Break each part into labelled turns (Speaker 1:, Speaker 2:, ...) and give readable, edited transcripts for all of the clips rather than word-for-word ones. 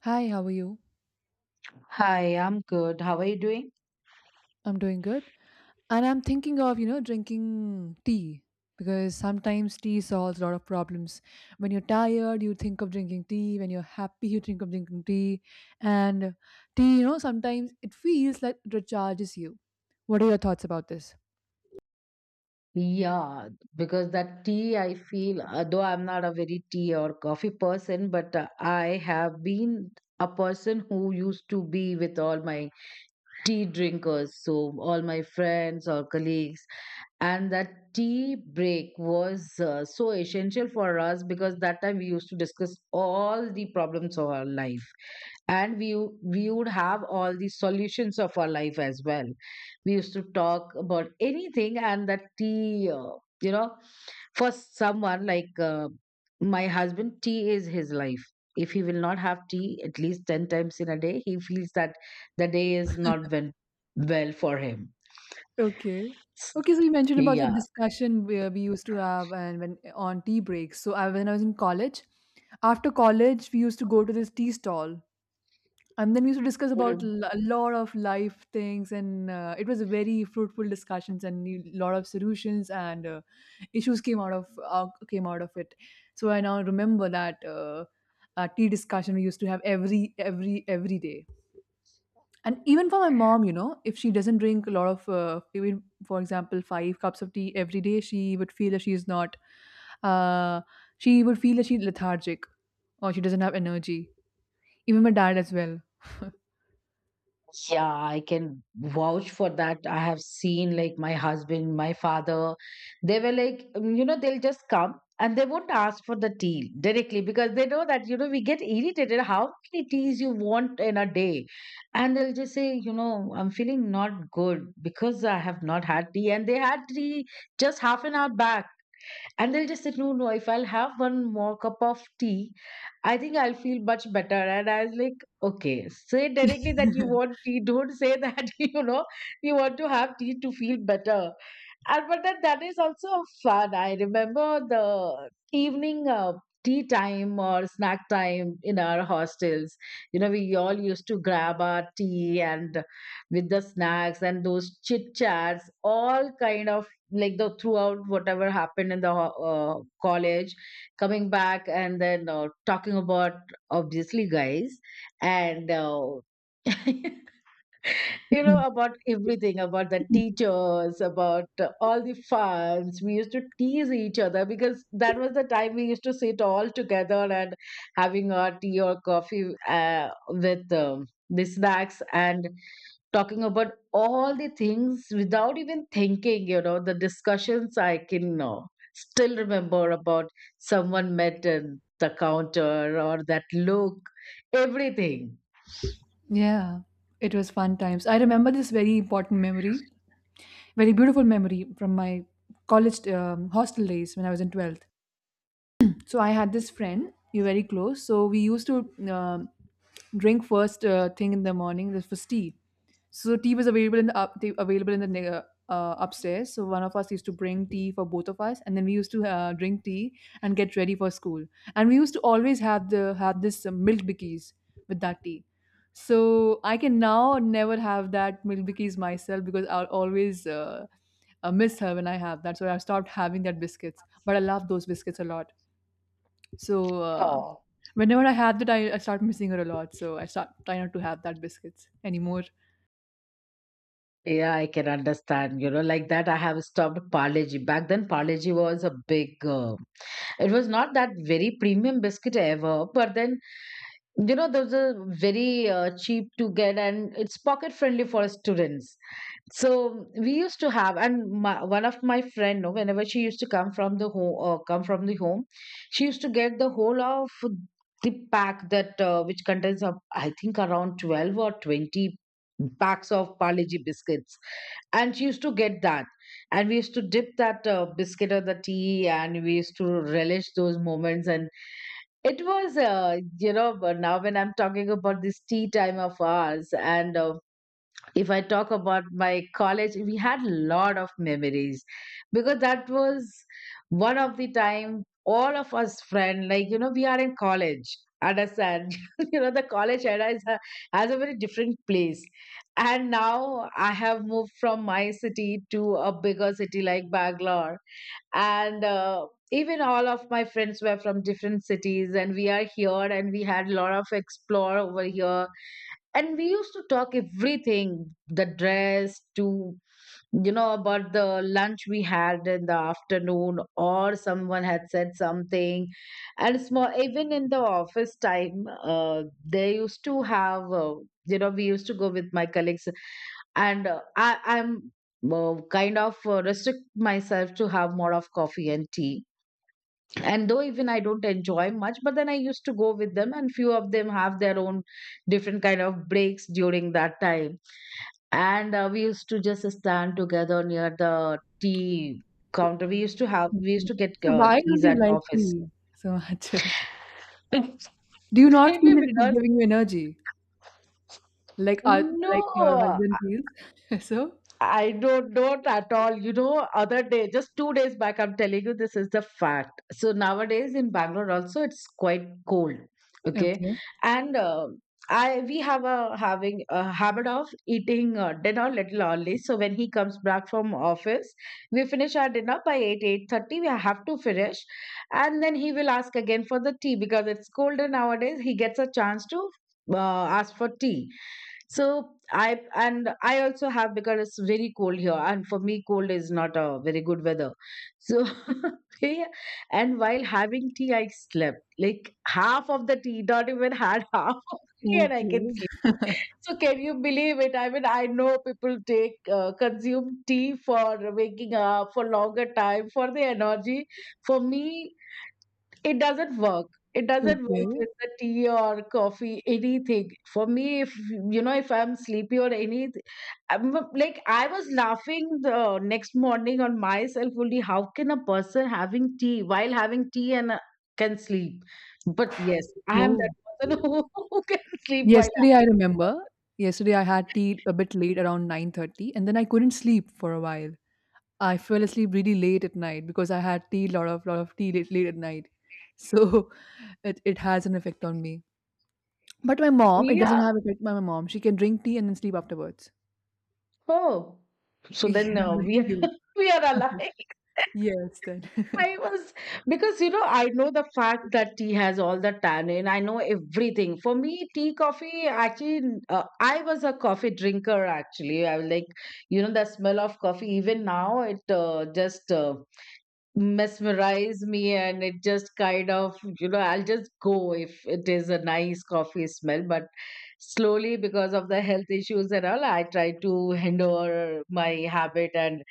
Speaker 1: Hi, how are you?
Speaker 2: Hi, I'm good. How are you doing?
Speaker 1: I'm doing good. And I'm thinking of, drinking tea because sometimes tea solves a lot of problems. When you're tired, you think of drinking tea. When you're happy, you think of drinking tea. And tea, sometimes it feels like it recharges you. What are your thoughts about this?
Speaker 2: Yeah, because that tea, I feel, though I'm not a very tea or coffee person, but I have been a person who used to be with all my tea drinkers, so all my friends or colleagues. And that tea break was so essential for us because that time we used to discuss all the problems of our life. And we would have all the solutions of our life as well. We used to talk about anything, and that tea, you know for someone like my husband, tea is his life. If he will not have tea at least 10 times in a day, he feels that the day is not went well for him.
Speaker 1: Okay.
Speaker 2: S-
Speaker 1: Okay, so you mentioned about the
Speaker 2: yeah.
Speaker 1: discussion where we used to have and when on tea breaks. So when I was in college, after college, we used to go to this tea stall and then we used to discuss about a lot of life things and it was a very fruitful discussions and a lot of solutions and issues came out of it. So I now remember that tea discussion we used to have every day. And even for my mom, if she doesn't drink a lot of even for example 5 cups of tea every day, she would feel that she is not uh, she would feel that she's lethargic or she doesn't have energy, even my dad as
Speaker 2: Yeah, I can vouch for that. I have seen like my husband, my father, they were like, they'll just come and they won't ask for the tea directly because they know that, we get irritated. How many teas you want in a day? And they'll just say, I'm feeling not good because I have not had tea. And they had tea just half an hour back, and they'll just say no, no, if I'll have one more cup of tea, I think I'll feel much better. And I was like, okay, say directly that you want
Speaker 1: well.
Speaker 2: tea, don't say that, you want to have tea to feel better. And but then that is also fun. I remember the evening tea time or snack time in our hostels. You know, we all used to grab our tea and with the snacks, and those chit chats, all kind of like the throughout whatever happened in the college, coming back and then talking about obviously guys and. About everything, about the teachers, about all the funs. We used to tease each other because that was the time we used to sit all together and having our tea or coffee with the snacks and talking about all the things without even thinking, the discussions I can still remember about someone met at the counter or that look, everything.
Speaker 1: Yeah, it was fun times. I remember this very important memory, very beautiful memory from my college hostel days when I was in 12th. So I had this friend, we were very close. So we used to um drink first thing in the morning. This was tea. So tea was available in the available in the upstairs. So one of us used to bring tea for both of us, and then we used to drink tea and get ready for school. And we used to always have this milk bikkies with that tea. So I can now never have that milk bikkies myself because I'll always miss her when I have that. So I stopped having that biscuits, but I love those biscuits a lot. So
Speaker 2: Oh.
Speaker 1: whenever I have that, I start missing her a lot. So I start try not to have that biscuits anymore.
Speaker 2: Yeah, I can understand. You know, like that, I have stopped Parleji. Back then, Parleji was a big. It was not that very premium biscuit ever, but then, those are very cheap to get, and it's pocket friendly for students. So we used to have, and my, one of my friend, no, whenever she used to come from the home, she used to get the whole of the pack that which contains, of I think, around 12 or 20 packs of Parleji biscuits. And she used to get that, and we used to dip that biscuit or the tea, and we used to relish those moments. And it was but now when I'm talking about this tea time of ours, and if I talk about my college, we had a lot of memories because that was one of the time all of us friend, like, we are in college, understand. You know, the college era is a, has a very different place. And now I have moved from my city to a bigger city like Bangalore, and even all of my friends were from different cities, and we are here, and we had a lot of explore over here, and we used to talk everything. The dress to, about the lunch we had in the afternoon, or someone had said something. And small, even in the office time, they used to have we used to go with my colleagues. And I'm kind of restrict myself to have more of coffee and tea. And though even I don't enjoy much, but then I used to go with them, and few of them have their own different kind of breaks during that time. And we used to just stand together near the tea counter. We used
Speaker 1: Okay.
Speaker 2: to get
Speaker 1: So why don't
Speaker 2: teas
Speaker 1: you
Speaker 2: at
Speaker 1: like
Speaker 2: office.
Speaker 1: tea so much? Do you not feel
Speaker 2: Maybe
Speaker 1: that it is
Speaker 2: because,
Speaker 1: giving you energy like uh, like your
Speaker 2: no,
Speaker 1: husband feels? So
Speaker 2: I don't know at all. You know, other day, just 2 days back, I'm telling you, this is the fact. So nowadays in Bangalore also, it's quite cold. Okay,
Speaker 1: okay.
Speaker 2: and I we have a having a habit of eating dinner little early. So when he comes back from office, we finish our dinner by 8, 8:30. We have to finish, and then he will ask again for the tea because it's colder nowadays. He gets a chance to ask for tea. So I, and I also have, because it's very cold here, and for me, cold is not a very good weather. So, yeah, and while having tea, I slept, like, half of the tea, not even had half of the tea, and I can
Speaker 1: Okay.
Speaker 2: sleep. So, can you believe it? I mean, I know people take consume tea for waking up for longer time for the energy. For me, it doesn't work it doesn't work
Speaker 1: Okay.
Speaker 2: with the tea or coffee, anything for me. If you know if I'm sleepy or anything, like I was laughing the next morning on myself only, how can a person having tea, while having tea and can sleep. But yes, I am
Speaker 1: Oh.
Speaker 2: that person, who can sleep while
Speaker 1: Yesterday I
Speaker 2: having
Speaker 1: remember, yesterday I had tea a bit late around 9:30, and then I couldn't sleep for a while. I fell asleep really late at night because I had tea lot of tea late, late at night. So it has an effect on me. But my mom,
Speaker 2: tea.
Speaker 1: it doesn't
Speaker 2: Yeah.
Speaker 1: have effect on my mom. She can drink tea and then sleep afterwards.
Speaker 2: Oh. So
Speaker 1: Yeah,
Speaker 2: then
Speaker 1: like
Speaker 2: we
Speaker 1: you.
Speaker 2: we are alive.
Speaker 1: Yes, then.
Speaker 2: I was, because I know the fact that tea has all the tannin. I know everything. For me, tea, coffee. Actually, I was a coffee drinker. Actually, I was like, the smell of coffee. Even now, it just mesmerize me, and it just kind of, I'll just go if it is a nice coffee smell. But slowly, because of the health issues and all, I try to hinder my habit and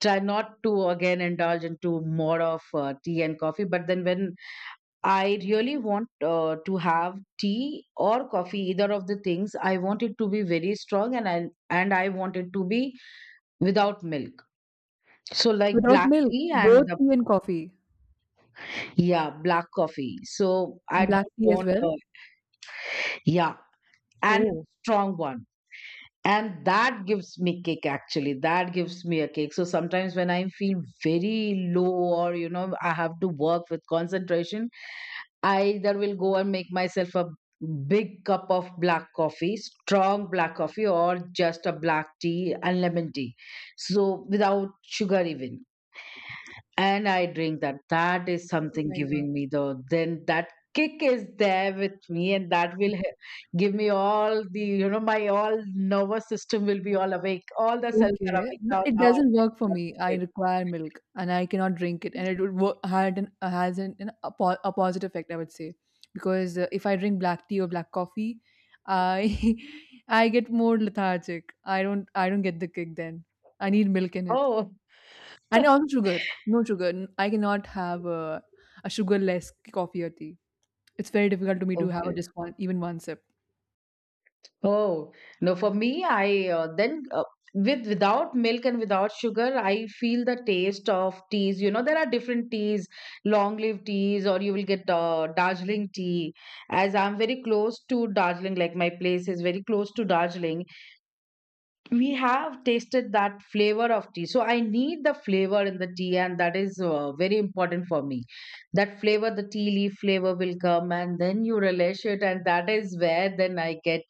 Speaker 2: try not to again indulge into more of tea and coffee. But then when I really want to have tea or coffee, either of the things, I want it to be very strong, and I want it to be without milk. So like
Speaker 1: Without
Speaker 2: black
Speaker 1: milk,
Speaker 2: tea, and
Speaker 1: both
Speaker 2: the,
Speaker 1: tea and coffee,
Speaker 2: yeah, black coffee. So I
Speaker 1: and black
Speaker 2: don't
Speaker 1: tea as
Speaker 2: want,
Speaker 1: well.
Speaker 2: yeah, and
Speaker 1: Oh,
Speaker 2: strong one. And that gives me kick. Actually, that gives me a kick. So sometimes when I feel very low, or I have to work with concentration, I either will go and make myself a big cup of black coffee, strong black coffee, or just a black tea and lemon tea, so without sugar even. And I drink that. That is
Speaker 1: oh
Speaker 2: something
Speaker 1: my God.
Speaker 2: giving me the then that kick is there with me, and that will give me all the, my all nervous system will be all awake. All the cells are
Speaker 1: Okay,
Speaker 2: awake
Speaker 1: but
Speaker 2: now.
Speaker 1: it
Speaker 2: Now I
Speaker 1: doesn't
Speaker 2: can
Speaker 1: work for me. I
Speaker 2: concentrate.
Speaker 1: require milk and I cannot drink it, and it would work, had an has a positive effect, I would say, because if I drink black tea or black coffee, I I get more lethargic. I don't get the kick then. I need milk in it.
Speaker 2: Oh,
Speaker 1: And also sugar. No sugar. I cannot have a sugarless coffee or tea. It's very difficult to me to have
Speaker 2: okay.
Speaker 1: just one, even one sip.
Speaker 2: Oh, no, for me, I then with without milk and without sugar, I feel the taste of teas. You know, there are different teas, long leaf teas, or you will get Darjeeling tea. As I'm very close to Darjeeling, like my place is very close to Darjeeling, we have tasted that flavor of tea. So I need the flavor in the tea, and that is very important for me. That flavor, the tea leaf flavor will come, and then you relish it, and that is where then I get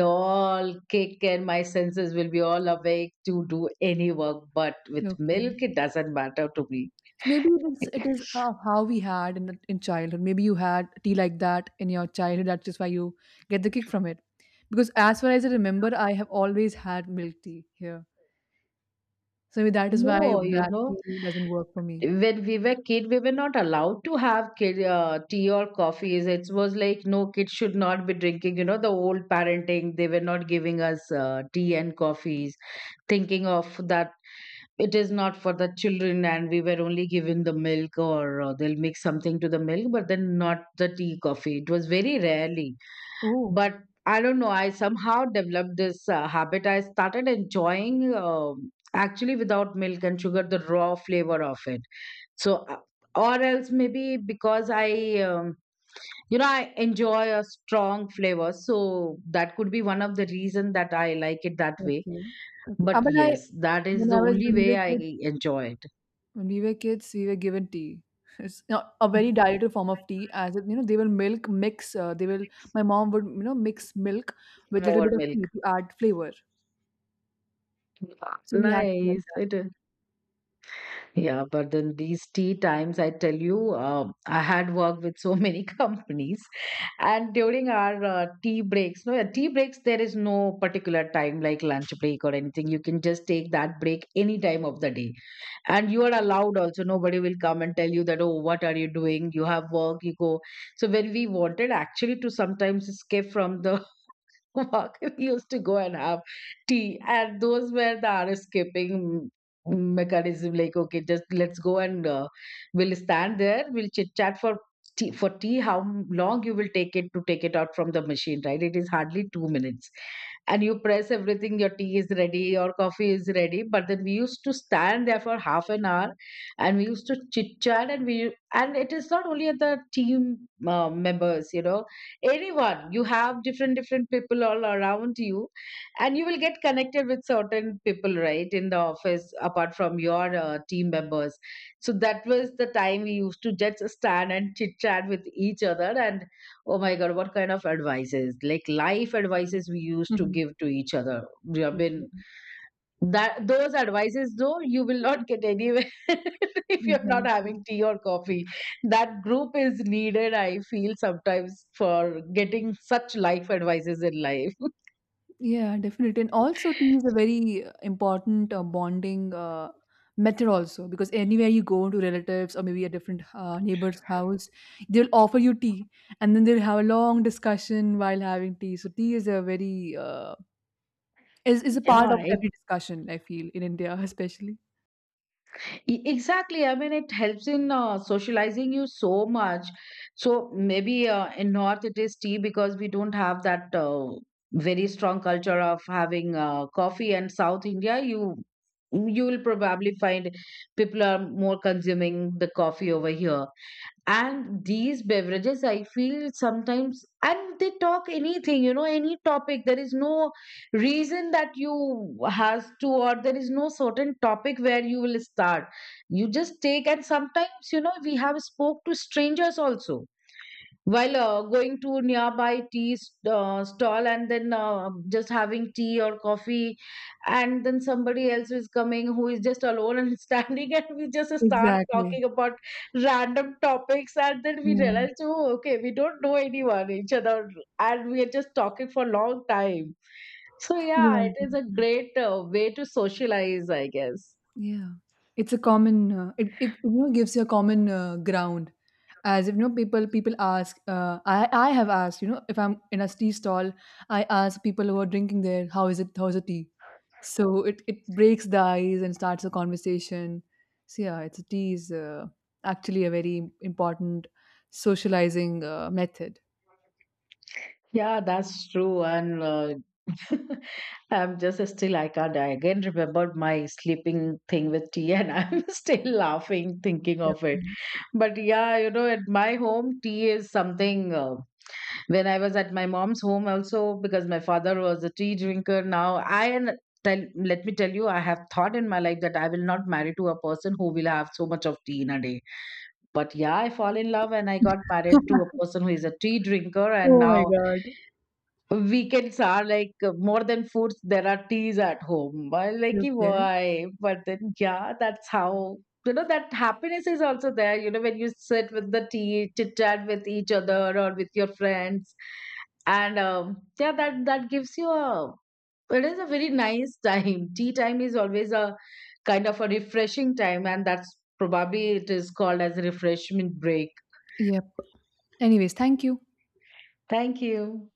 Speaker 2: all kick, and my senses will be all awake to do any work. But with milk,
Speaker 1: Okay.
Speaker 2: it doesn't matter to me.
Speaker 1: So maybe it is how we had in childhood. Maybe you had tea like that in your childhood. That's just why you get the kick from it. Because as far as I remember, I have always had milk tea here. So maybe that is why
Speaker 2: No, you
Speaker 1: black
Speaker 2: know,
Speaker 1: tea doesn't work for me.
Speaker 2: when we were kid, we were not allowed to have tea or coffees. It was like, no, kids should not be drinking. You know, the old parenting, they were not giving us tea and coffees, thinking of that it is not for the children. And we were only given the milk, or they'll mix something to the milk, but then not the tea, coffee. It was very rarely.
Speaker 1: Oh,
Speaker 2: But I don't know, I somehow developed this habit. I started enjoying, actually without milk and sugar, the raw flavor of it. So, or else, maybe because I, I enjoy a strong flavor. So that could be one of the reason that I like it that way.
Speaker 1: okay. Okay.
Speaker 2: But
Speaker 1: But
Speaker 2: yes, that is
Speaker 1: when
Speaker 2: the
Speaker 1: I was,
Speaker 2: only
Speaker 1: when we
Speaker 2: way
Speaker 1: were
Speaker 2: I
Speaker 1: kids,
Speaker 2: enjoy it.
Speaker 1: when we were kids, we were given tea. It's not a very dietary form of tea, as it, they will milk mix. They will. My mom would, mix milk with a little
Speaker 2: More
Speaker 1: bit of
Speaker 2: milk.
Speaker 1: tea to add flavor. So we had tea like
Speaker 2: Nice.
Speaker 1: that.
Speaker 2: It is. Yeah, but then these tea times, I tell you, I had worked with so many companies, and during our tea breaks, no, yeah, tea breaks, there is no particular time like lunch break or anything. You can just take that break any time of the day, and you are allowed also. Nobody will come and tell you that, oh, what are you doing? You have work, you go. So when we wanted actually to sometimes escape from the walk. We used to go and have tea, and those were the hour escaping mechanism. Like, okay, just let's go and we'll stand there, we'll chit chat for tea, for tea. How long you will take it to take it out from the machine, right? It is hardly 2 minutes, and you press everything. Your tea is ready, your coffee is ready. But then we used to stand there for half an hour, and we used to chit chat, and we and it is not only at the team members. Anyone, you have different different people all around you, and you will get connected with certain people right in the office apart from your team members. So that was the time we used to just stand and chit chat with each other. And oh my god, what kind of advices, like life advices, we used to
Speaker 1: Mhm.
Speaker 2: give to each other. I mean,
Speaker 1: Okay.
Speaker 2: that those advices, though, you will not get anywhere if you're not
Speaker 1: Exactly.
Speaker 2: having tea or coffee. That group is needed, I feel sometimes, for getting such life advices in life.
Speaker 1: Yeah, definitely. And also, tea is a very important bonding method also because anywhere you go to relatives or maybe a different neighbor's house, they'll offer you tea, and then they'll have a long discussion while having tea. So tea is a very is a part of
Speaker 2: Yeah,
Speaker 1: every discussion, I feel, in India especially.
Speaker 2: Exactly. I mean, it helps in socializing you so much. So maybe in North it is tea, because we don't have that very strong culture of having coffee. And South India, you will probably find people are more consuming the coffee over here and these beverages, I feel sometimes. And they talk anything, any topic. There is no reason that you has to, or there is no certain topic where you will start. You just take, and sometimes, we have spoke to strangers also while going to nearby tea stall, and then just having tea or coffee, and then somebody else is coming who is just alone and standing, and we just start
Speaker 1: Exactly.
Speaker 2: talking about random topics. And then we
Speaker 1: Yeah.
Speaker 2: realize, oh okay, we don't know anyone each other, and we are just talking for a long time. So
Speaker 1: Yeah,
Speaker 2: yeah, it is a
Speaker 1: exactly.
Speaker 2: great way to socialize, I guess.
Speaker 1: Yeah. It's a common, gives you a common, ground. As if, people ask, I have asked, if I'm in a tea stall, I ask people who are drinking there, "How is it? How's the tea?" So it breaks the ice and starts a conversation. So yeah, it's tea is, actually a very important socializing, method.
Speaker 2: Yeah, that's true. And I'm just still, I can't. I again remembered my sleeping thing with tea, and I'm still laughing thinking
Speaker 1: Okay.
Speaker 2: of it. But yeah, at my home, tea is something. When I was at my mom's home, also, because my father was a tea drinker, now, let me tell you, I have thought in my life that I will not marry to a person who will have so much of tea in a day. But yeah, I fall in love and I got married to a person who is a tea drinker, and
Speaker 1: Oh my
Speaker 2: now
Speaker 1: god.
Speaker 2: weekends are like more than foods, there are teas at home. I like, "Ki,
Speaker 1: Okay.
Speaker 2: why? But then, yeah, that's how, that happiness is also there. You know, when you sit with the tea, chit chat with each other or with your friends. And yeah, that gives you a, it is a very nice time. Tea time is always a kind of a refreshing time. And that's probably it is called as a refreshment break.
Speaker 1: Yep. Anyways, thank you.
Speaker 2: Thank you.